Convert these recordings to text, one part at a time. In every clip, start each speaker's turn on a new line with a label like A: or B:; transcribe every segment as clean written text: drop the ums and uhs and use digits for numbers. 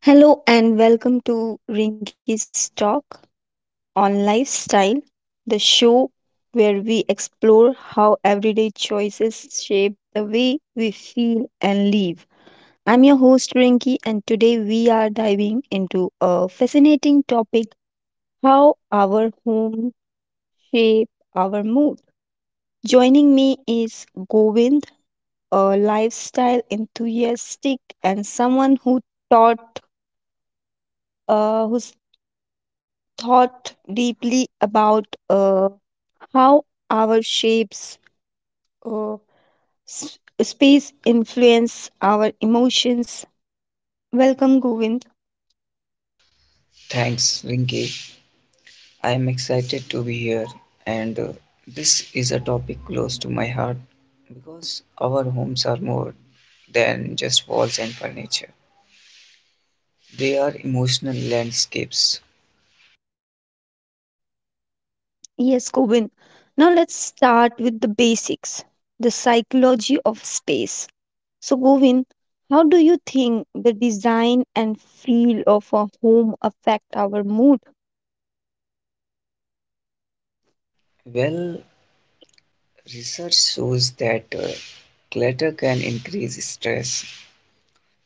A: Hello and welcome to Rinky's Talk on Lifestyle, the show where we explore how everyday choices shape the way we feel and live. I'm your host Rinky and today we are diving into a fascinating topic: how our home shape our mood. Joining me is Govind, a lifestyle enthusiastic and someone who taught who's thought deeply about uh, how our shapes uh, space influence our emotions. Welcome, Govind.
B: Thanks, Rinky. I am excited to be here, and this is a topic close to my heart because our homes are more than just walls and furniture. They are emotional landscapes.
A: Yes, Govind. Now let's start with the basics, the psychology of space. So, Govind, how do you think the design and feel of a home affect our mood?
B: Well, research shows that clutter can increase stress,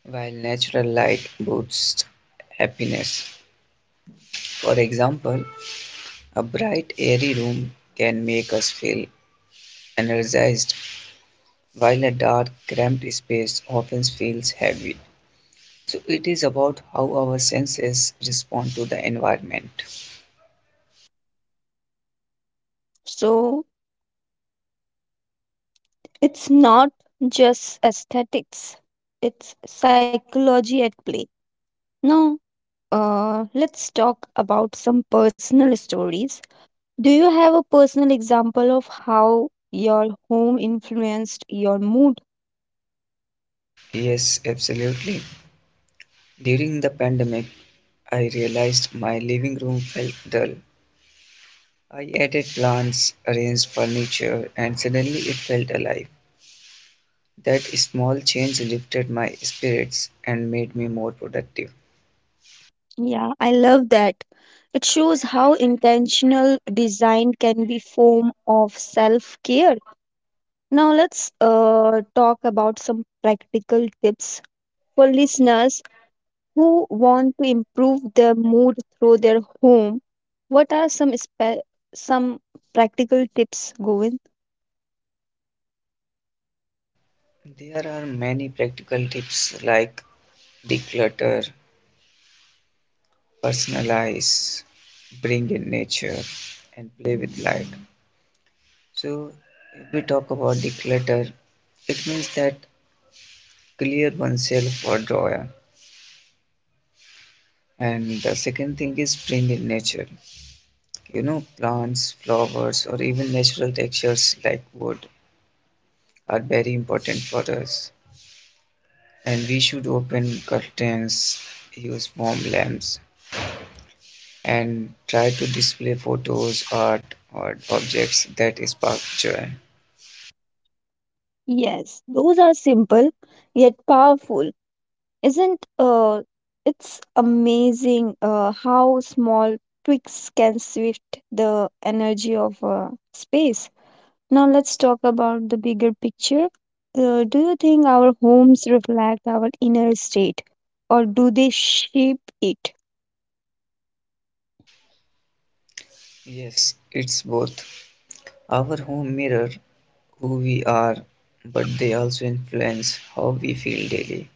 B: while natural light boosts happiness. For example, a bright, airy room can make us feel energized while a dark, cramped space often feels heavy. So it is about how our senses respond to the environment.
A: So, it's not just aesthetics, it's psychology at play. Now, let's talk about some personal stories. Do you have a personal example of how your home influenced your mood?
B: Yes, absolutely. During the pandemic, I realized my living room felt dull. I added plants, arranged furniture, and suddenly it felt alive. That small change lifted my spirits and made me more productive.
A: Yeah, I love that. It shows how intentional design can be form of self-care. Now let's talk about some practical tips for listeners who want to improve their mood through their home. What are some practical tips, Govind?
B: There are many practical tips like declutter, personalize, bring in nature, and play with light. So, if we talk about declutter, it means that clear oneself for drawer. And the second thing is bring in nature. You know, plants, flowers, or even natural textures like wood are very important for us. And we should open curtains, use warm lamps, and try to display photos, art, or objects that spark joy.
A: Yes, those are simple yet powerful. Isn't It's amazing how small tweaks can shift the energy of space. Now let's talk about the bigger picture. Do you think our homes reflect our inner state or do they shape it?
B: Yes, it's both. Our home mirror who we are, but they also influence how we feel daily.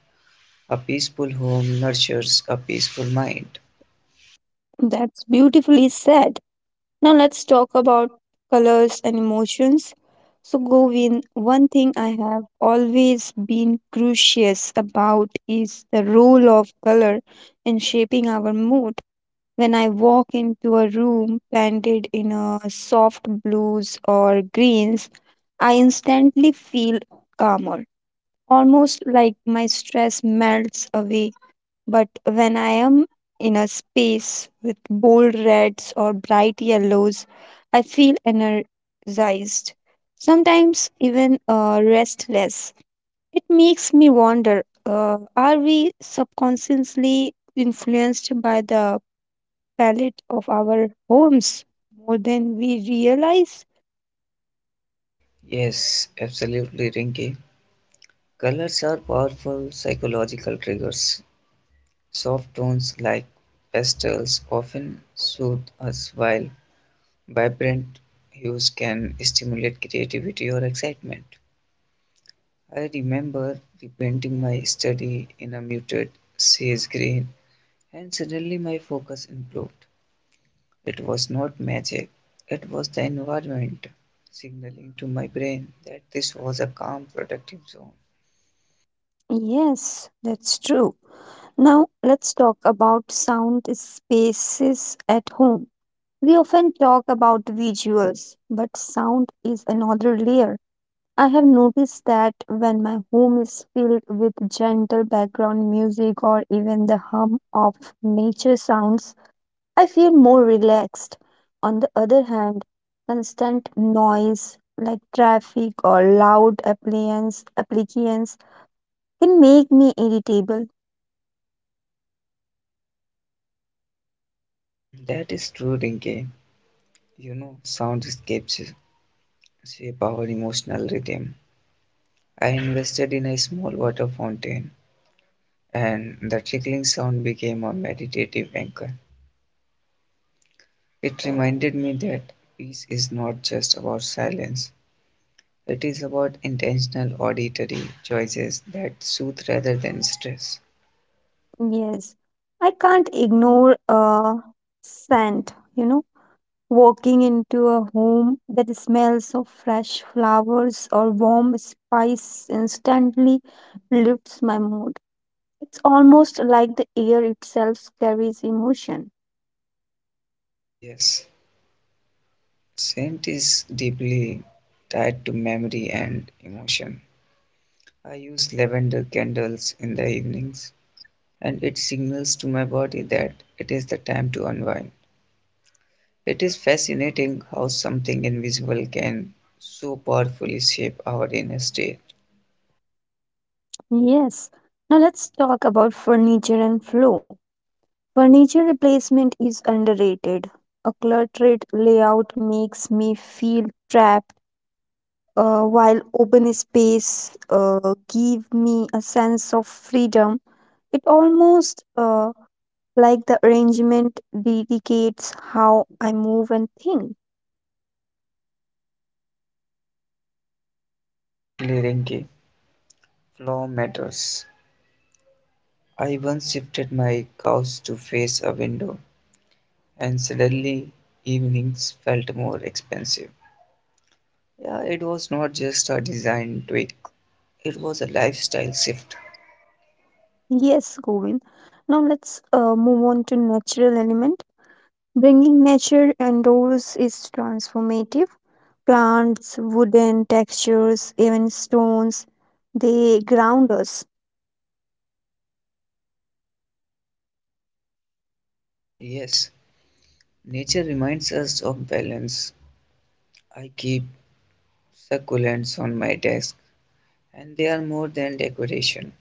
B: A peaceful home nurtures a peaceful mind.
A: That's beautifully said. Now let's talk about colors and emotions. So, Govin, one thing I have always been curious about is the role of color in shaping our mood. When I walk into a room painted in a soft blues or greens, I instantly feel calmer, almost like my stress melts away, but when I am in a space with bold reds or bright yellows, I feel energized, sometimes even restless. It makes me wonder, are we subconsciously influenced by the palette of our homes more than we realize?
B: Yes, absolutely, Rinky. Colors are powerful psychological triggers. Soft tones like pastels often soothe us, while vibrant hues can stimulate creativity or excitement. I remember repainting my study in a muted sage green, and suddenly my focus improved. It was not magic, it was the environment signaling to my brain that this was a calm, productive zone.
A: Yes, that's true. Now let's talk about sound spaces at home. We often talk about visuals, but sound is another layer. I have noticed that when my home is filled with gentle background music or even the hum of nature sounds, I feel more relaxed. On the other hand, constant noise like traffic or loud appliance applications can make me irritable.
B: That is true game. You know, sound escapes shape our emotional rhythm. I invested in a small water fountain, and the trickling sound became a meditative anchor. It reminded me that peace is not just about silence, it is about intentional auditory choices that soothe rather than stress.
A: Yes, I can't ignore a scent, you know. Walking into a home that smells of fresh flowers or warm spice instantly lifts my mood. It's almost like the air itself carries emotion.
B: Yes, scent is deeply tied to memory and emotion. I use lavender candles in the evenings, and it signals to my body that it is the time to unwind. It is fascinating how something invisible can so powerfully shape our inner state.
A: Yes. Now let's talk about furniture and flow. Furniture replacement is underrated. A cluttered layout makes me feel trapped, while open space give me a sense of freedom. It almost Like the arrangement dedicates how I move and think.
B: Exactly, Rinki. Flow matters. I once shifted my couch to face a window and suddenly evenings felt more expensive. Yeah, it was not just a design tweak, it was a lifestyle shift.
A: Yes, Govind. Now let's move on to natural element. Bringing nature indoors is transformative. Plants, wooden textures, even stones, they ground us.
B: Yes, nature reminds us of balance. I keep succulents on my desk, and they are more than decoration.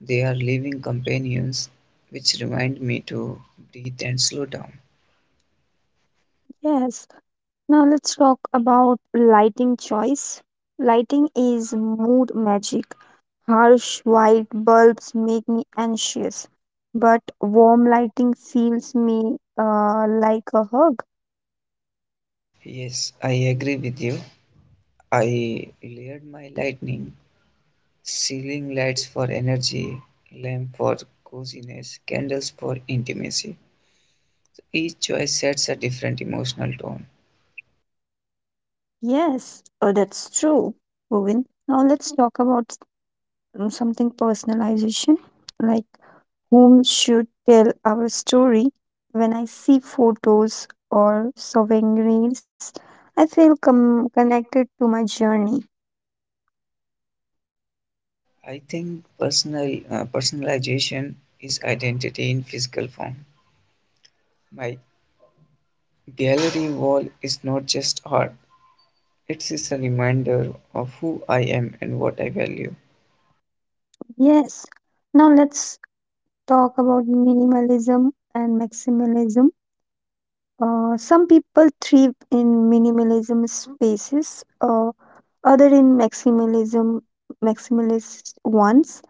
B: They are living companions which remind me to breathe and slow down.
A: Yes. Now let's talk about lighting choice. Lighting is mood magic. Harsh white bulbs make me anxious, but warm lighting feels me, like a hug.
B: Yes, I agree with you. I layered my lightning. Ceiling lights for energy, lamp for coziness, candles for intimacy. Each choice sets a different emotional tone.
A: Yes, oh, that's true, Bhuvin. Now let's talk about something personalization, like whom should tell our story. When I see photos or souvenirs, I feel connected to my journey.
B: I think personalization is identity in physical form. My gallery wall is not just art; it is a reminder of who I am and what I value.
A: Yes, now let's talk about minimalism and maximalism. Some people thrive in minimalism spaces, other in maximalism maximalist ones.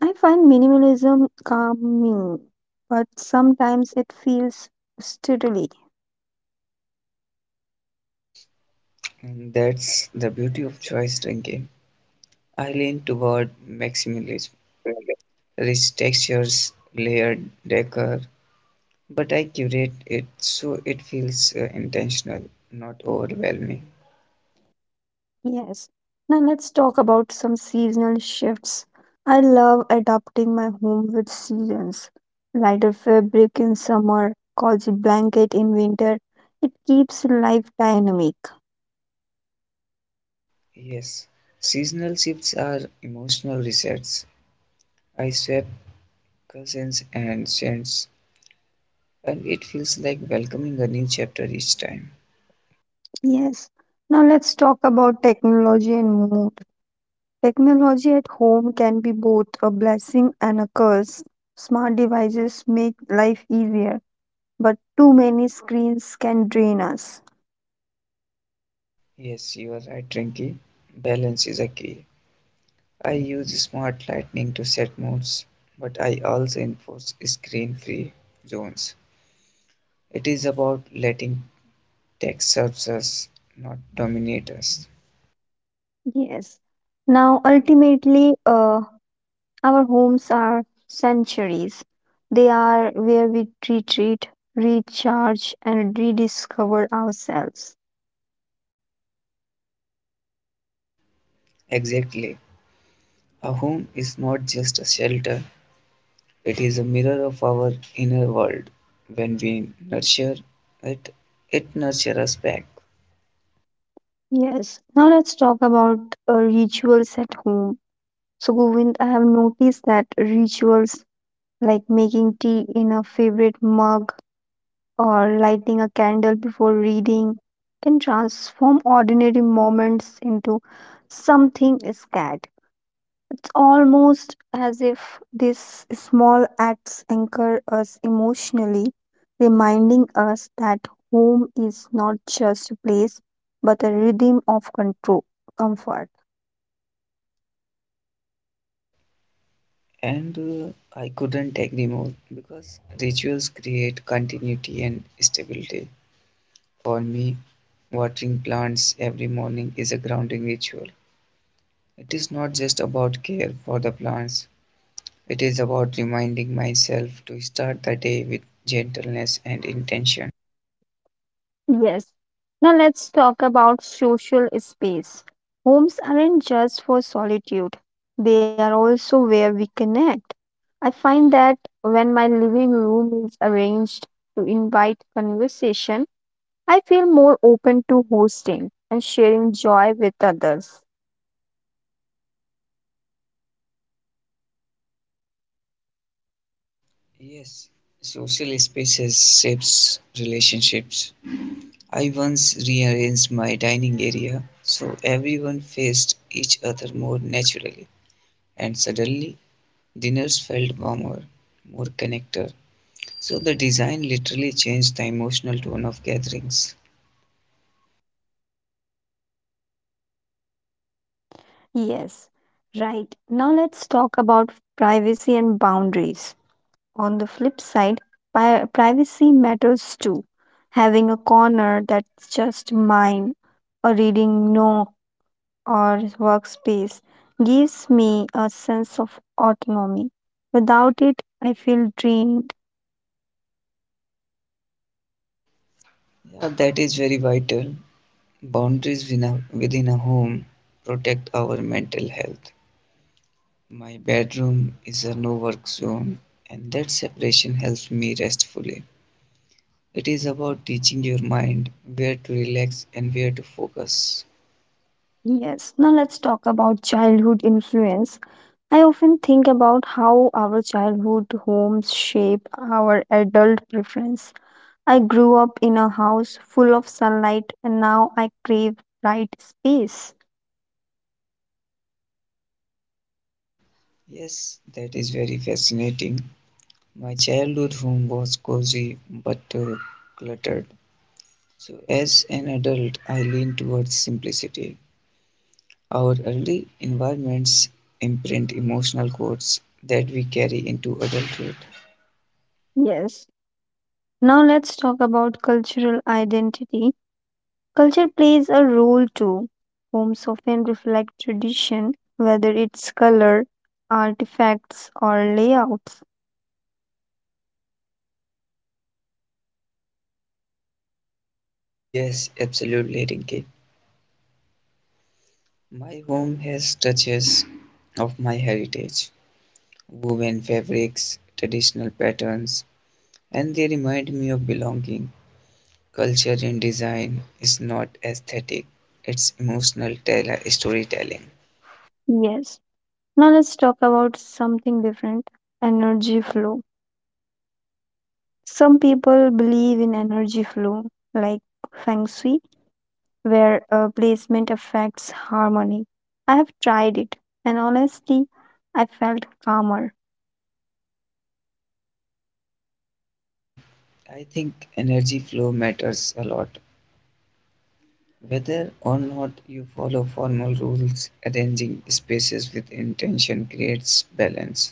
A: I find minimalism calming, but sometimes it feels steadily.
B: And that's the beauty of choice drinking. I lean toward maximalism, rich textures, layered decor, but I curate it so it feels intentional, not overwhelming.
A: Yes. Now let's talk about some seasonal shifts. I love adapting my home with seasons. Lighter fabric in summer, cozy blanket in winter. It keeps life dynamic.
B: Yes, seasonal shifts are emotional resets. I swap cousins and scents, and it feels like welcoming a new chapter each time.
A: Yes. Now let's talk about technology and mood. Technology at home can be both a blessing and a curse. Smart devices make life easier, but too many screens can drain us.
B: Yes, you are right, Rinky. Balance is a key. I use smart lighting to set moods, but I also enforce screen free zones. It is about letting tech serve us, not dominate us.
A: Yes. Now, ultimately, our homes are sanctuaries. They are where we retreat, recharge, and rediscover ourselves.
B: Exactly. A home is not just a shelter, it is a mirror of our inner world. When we nurture it, it nurtures us back.
A: Yes. Now, let's talk about rituals at home. So, Govind, I have noticed that rituals like making tea in a favorite mug or lighting a candle before reading can transform ordinary moments into something scared. It's almost as if these small acts anchor us emotionally, reminding us that home is not just a place but a rhythm of control, comfort.
B: And I couldn't take them all because rituals create continuity and stability. For me, watering plants every morning is a grounding ritual. It is not just about care for the plants, it is about reminding myself to start the day with gentleness and intention.
A: Yes. Now let's talk about social space. Homes aren't just for solitude, they are also where we connect. I find that when my living room is arranged to invite conversation, I feel more open to hosting and sharing joy with others.
B: Yes, social spaces shapes relationships. I once rearranged my dining area so everyone faced each other more naturally, and suddenly dinners felt warmer, more connected. So the design literally changed the emotional tone of gatherings.
A: Yes, right. Now let's talk about privacy and boundaries. On the flip side, privacy matters too. Having a corner that's just mine, a reading nook or workspace, gives me a sense of autonomy. Without it, I feel drained.
B: Yeah, that is very vital. Boundaries within a home protect our mental health. My bedroom is a no work zone, and that separation helps me rest fully. It is about teaching your mind where to relax and where to focus.
A: Yes, now let's talk about childhood influence. I often think about how our childhood homes shape our adult preference. I grew up in a house full of sunlight and now I crave bright space.
B: Yes, that is very fascinating. My childhood home was cozy but cluttered. So, as an adult, I lean towards simplicity. Our early environments imprint emotional codes that we carry into adulthood.
A: Yes. Now let's talk about cultural identity. Culture plays a role too. Homes often reflect tradition, whether it's color, artifacts, or layouts.
B: Yes, absolutely, Rinki. My home has touches of my heritage, woven fabrics, traditional patterns, and they remind me of belonging. Culture in design is not aesthetic, it's emotional storytelling.
A: Yes. Now let's talk about something different: energy flow. Some people believe in energy flow, like feng shui, where placement affects harmony. I have tried it, and honestly, I felt calmer.
B: And I think energy flow matters a lot. Whether or not you follow formal rules, arranging spaces with intention creates balance.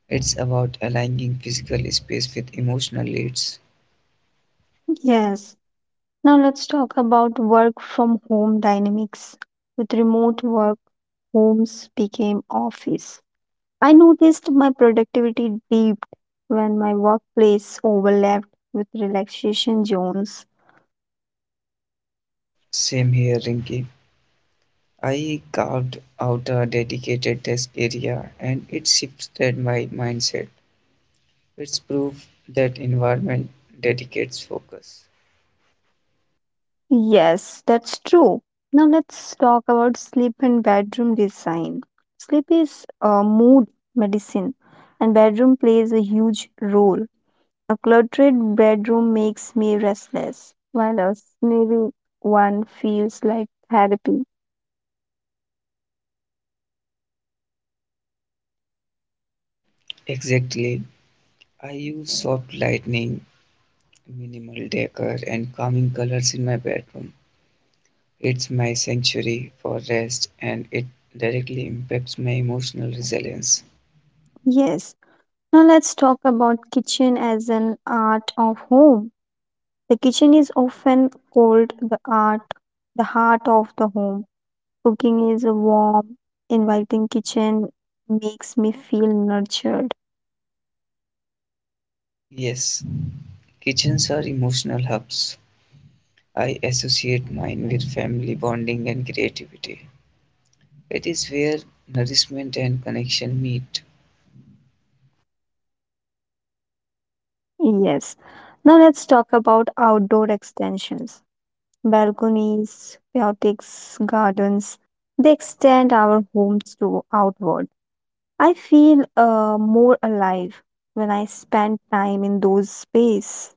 B: It's about aligning physical space with emotional needs.
A: Yes. Now let's talk about work from home dynamics. With remote work, homes became office. I noticed my productivity dipped when my workplace overlapped with relaxation zones.
B: Same here, Rinky. I carved out a dedicated desk area and it shifted my mindset. It's proof that environment dedicates focus.
A: Yes, that's true. Now let's talk about sleep and bedroom design. Sleep is a mood medicine and bedroom plays a huge role. A cluttered bedroom makes me restless, while a sneery one feels like therapy.
B: Exactly. I use soft lighting, minimal decor, and calming colors in my bedroom. It's my sanctuary for rest and it directly impacts my emotional resilience.
A: Yes. Now let's talk about kitchen as an art of home. The kitchen is often called the art, the heart of the home. Cooking is a warm, inviting kitchen makes me feel nurtured.
B: Yes, kitchens are emotional hubs. I associate mine with family bonding and creativity. It is where nourishment and connection meet.
A: Yes. Now let's talk about outdoor extensions. Balconies, paiotics, gardens, they extend our homes to outward. I feel, more alive when I spend time in those spaces.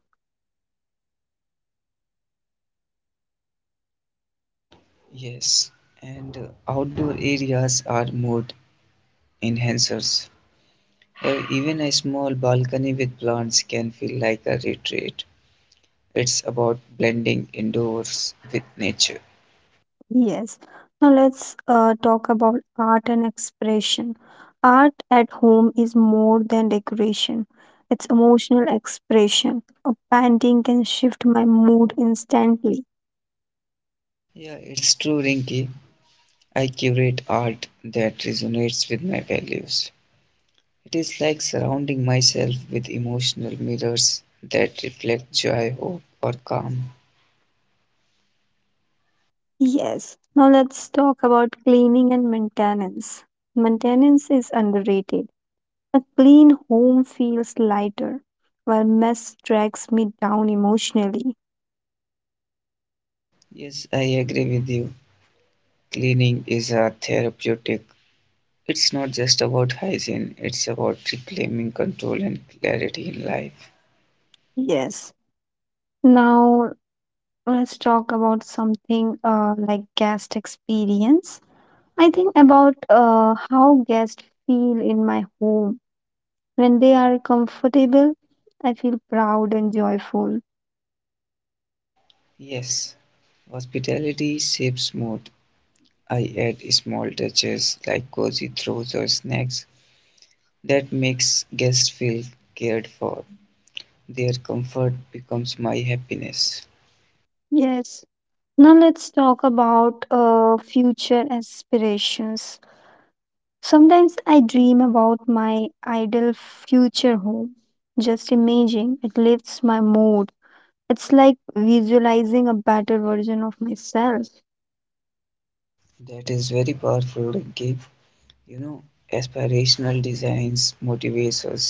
B: Yes, and outdoor areas are more enhancers, or even a small balcony with plants can feel like a retreat. It's about blending indoors with nature.
A: Yes. Now let's talk about art and expression. Art at home is more than decoration. It's emotional expression. A painting can shift my mood instantly.
B: Yeah, it's true, Rinky. I curate art that resonates with my values. It is like surrounding myself with emotional mirrors that reflect joy, hope, or calm.
A: Yes. Now let's talk about cleaning and maintenance. Maintenance is underrated. A clean home feels lighter, while mess drags me down emotionally.
B: Yes, I agree with you. Cleaning is a therapeutic. It's not just about hygiene, it's about reclaiming control and clarity in life.
A: Yes. Now let's talk about something like guest experience. I think about how guests feel in my home. When they are comfortable, I feel proud and joyful.
B: Yes, hospitality shapes mood. I add small touches like cozy throws or snacks that makes guests feel cared for. Their comfort becomes my happiness.
A: Yes. Now let's talk about future aspirations. Sometimes I dream about my ideal future home. Just imagine it lifts my mood. It's like visualizing a better version of myself.
B: That is very powerful gift. You know, aspirational designs motivates us.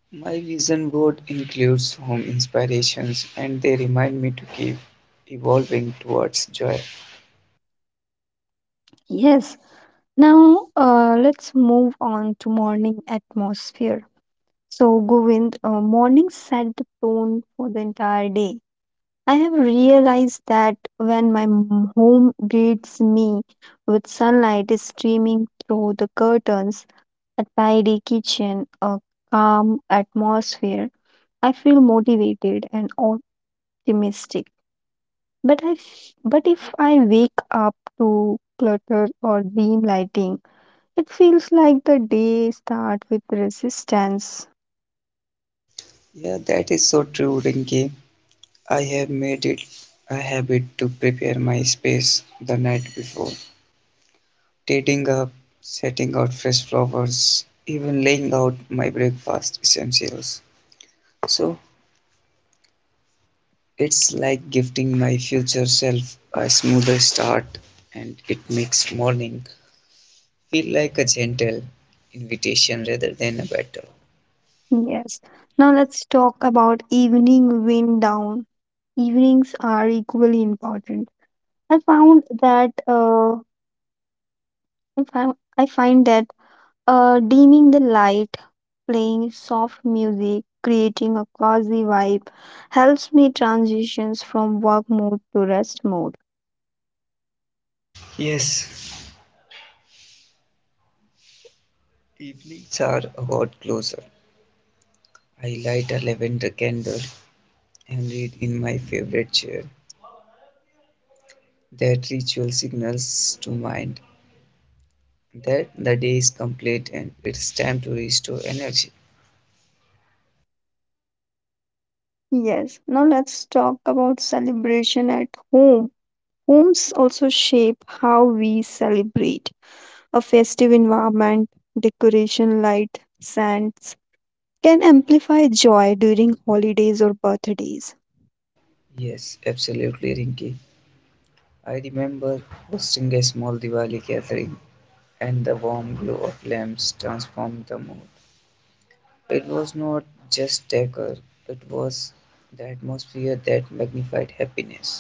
B: My vision board includes home inspirations and they remind me to keep evolving towards joy.
A: Yes. Now let's move on to morning atmosphere. So Govind, mornings set the tone for the entire day. I have realized that when home greets me with sunlight streaming through the curtains, a tidy kitchen, a calm atmosphere, I feel motivated and optimistic. But if I wake up to clutter or dim lighting, it feels like the day starts with resistance.
B: Yeah, that is so true, Rinki. I have made it a habit to prepare my space the night before. Tidying up, setting out fresh flowers, even laying out my breakfast essentials. So it's like gifting my future self a smoother start, and it makes morning feel like a gentle invitation rather than a battle.
A: Yes. Now let's talk about evening wind down. Evenings are equally important. I found that I, found, I find that dimming the light, playing soft music, creating a cozy vibe helps me transitions from work mode to rest mode.
B: Yes, evenings are about closer. I light a lavender candle and read in my favorite chair. That ritual signals to mind that the day is complete and it's time to restore energy.
A: Yes, now let's talk about celebration at home. Homes also shape how we celebrate. A festive environment, decoration, light, scents, can amplify joy during holidays or birthdays.
B: Yes, absolutely, Rinki. I remember hosting a small Diwali gathering, and the warm glow of lamps transformed the mood. It was not just decor, it was the atmosphere that magnified happiness.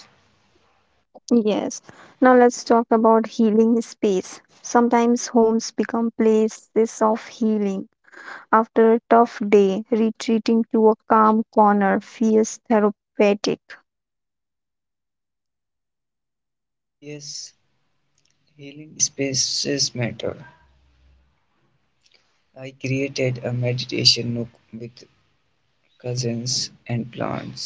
A: Yes. Now let's talk about healing space. Sometimes homes become places of healing. After a tough day, retreating to a calm corner feels therapeutic.
B: Yes, healing spaces matter. I created a meditation nook with cousins and plants.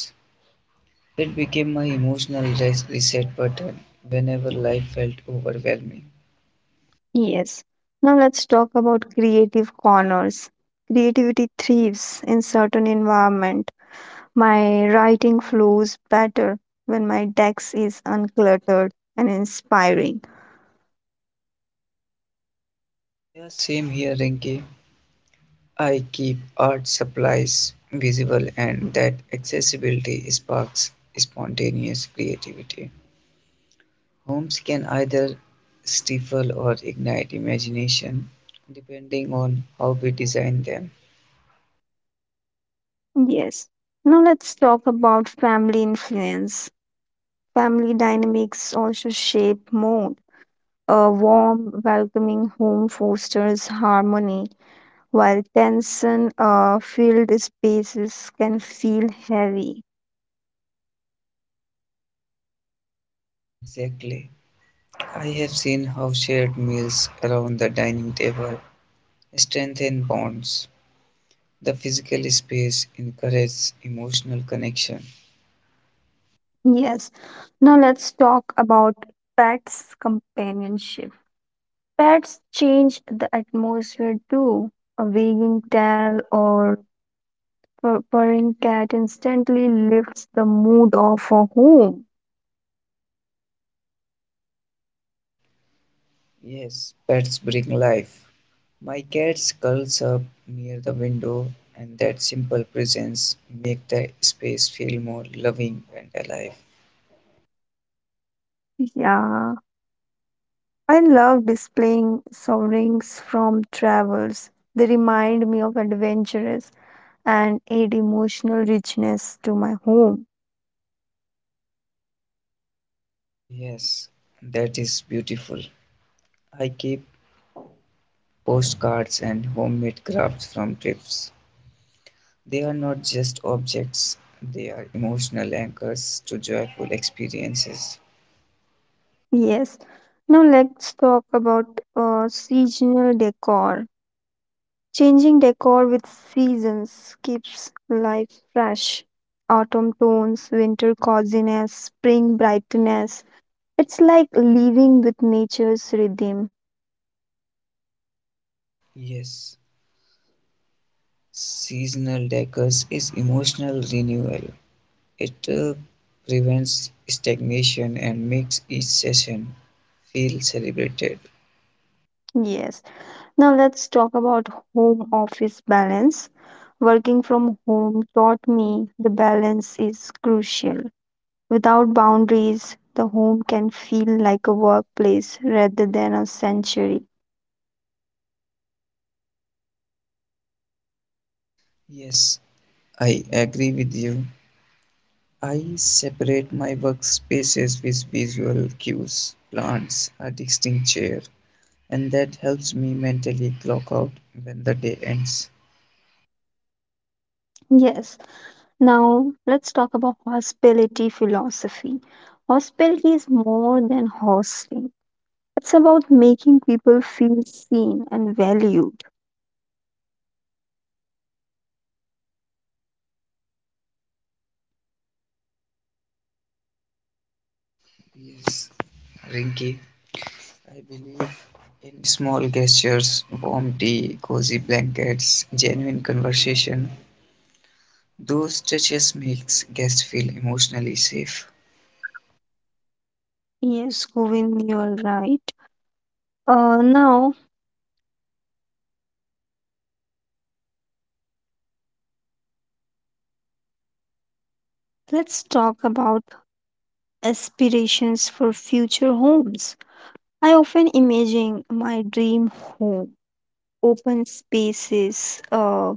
B: It became my emotional reset button whenever life felt overwhelming.
A: Yes. Now let's talk about creative corners. Creativity thrives in certain environment. My writing flows better when my desk is uncluttered and inspiring.
B: Yeah, same here, Rinky. I keep art supplies visible, and that accessibility sparks spontaneous creativity. Homes can either stifle or ignite imagination depending on how we design them.
A: Yes. Now let's talk about family influence. Family dynamics also shape mood. A warm, welcoming home fosters harmony, while tension filled spaces can feel heavy.
B: Exactly. I have seen how shared meals around the dining table strengthen bonds. The physical space encourages emotional connection.
A: Yes. Now let's talk about pets' companionship. Pets change the atmosphere too. A wagging tail or purring cat instantly lifts the mood of a home.
B: Yes, pets bring life. My cat curls up near the window, and that simple presence makes the space feel more loving and alive.
A: Yeah. I love displaying sovereigns from travels. They remind me of adventures and add emotional richness to my home.
B: Yes, that is beautiful. I keep postcards and homemade crafts from trips. They are not just objects, they are emotional anchors to joyful experiences.
A: Yes. Now let's talk about seasonal decor. Changing decor with seasons keeps life fresh. Autumn tones, winter coziness, spring brightness. It's like living with nature's rhythm.
B: Yes, Seasonal Decus is emotional renewal. It prevents stagnation and makes each session feel celebrated.
A: Yes. Now let's talk about home office balance. Working from home taught me the balance is crucial. Without boundaries, the home can feel like a workplace rather than a sanctuary.
B: Yes, I agree with you. I separate my workspaces with visual cues, plants, a distinct chair, and that helps me mentally clock out when the day ends.
A: Yes. Now let's talk about hospitality philosophy. Hospitality is more than hosting. It's about making people feel seen and valued.
B: Yes, Rinky, I believe in small gestures, warm tea, cozy blankets, genuine conversation. Those touches makes guests feel emotionally safe.
A: Yes, Govind, you're right. Now let's talk about aspirations for future homes. I often imagine my dream home, open spaces,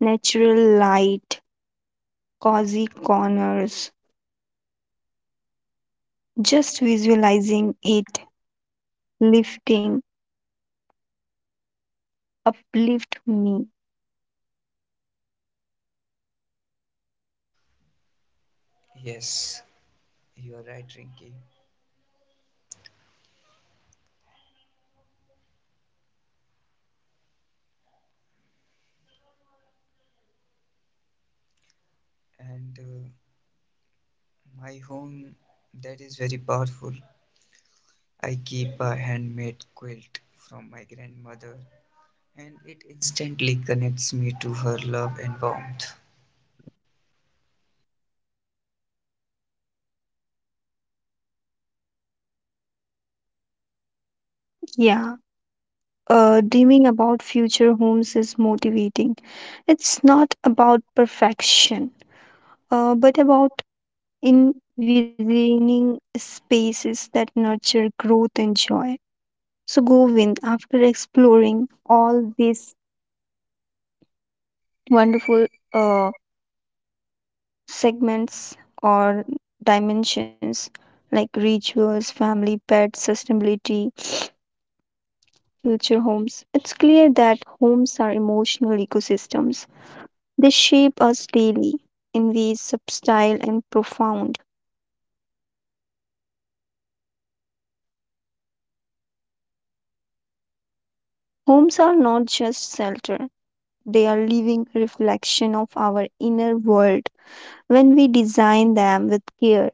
A: natural light, cozy corners. Just visualizing it lifting uplift me.
B: Yes, you are right, Rinky. And my home, that is very powerful. I keep a handmade quilt from my grandmother, and it instantly connects me to her love and warmth.
A: Yeah, dreaming about future homes is motivating. It's not about perfection, but about envisioning spaces that nurture growth and joy. So Govind, after exploring all these wonderful uh, segments or dimensions like rituals, family, pets, sustainability, future homes, it's clear that homes are emotional ecosystems. They shape us daily in ways subtle and profound. Homes are not just shelter, they are living reflection of our inner world. When we design them with care,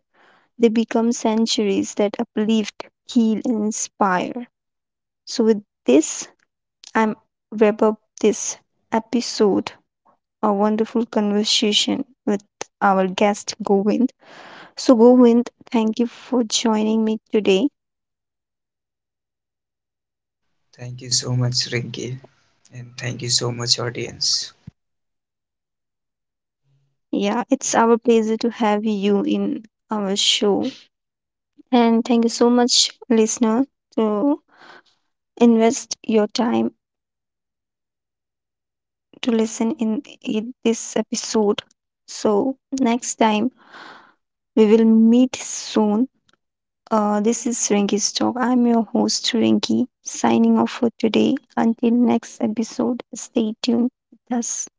A: they become sanctuaries that uplift, heal, and inspire. So, with this, I'm wrap up this episode, a wonderful conversation with our guest Govind. So, Govind, thank you for joining me today.
B: Thank you so much, Rinky, and thank you so much, audience.
A: Yeah, it's our pleasure to have you in our show. And thank you so much, listener, to invest your time to listen in this episode. So, next time we will meet soon. This is Rinky's Talk. I'm your host, Rinky, signing off for today. Until next episode, stay tuned with us.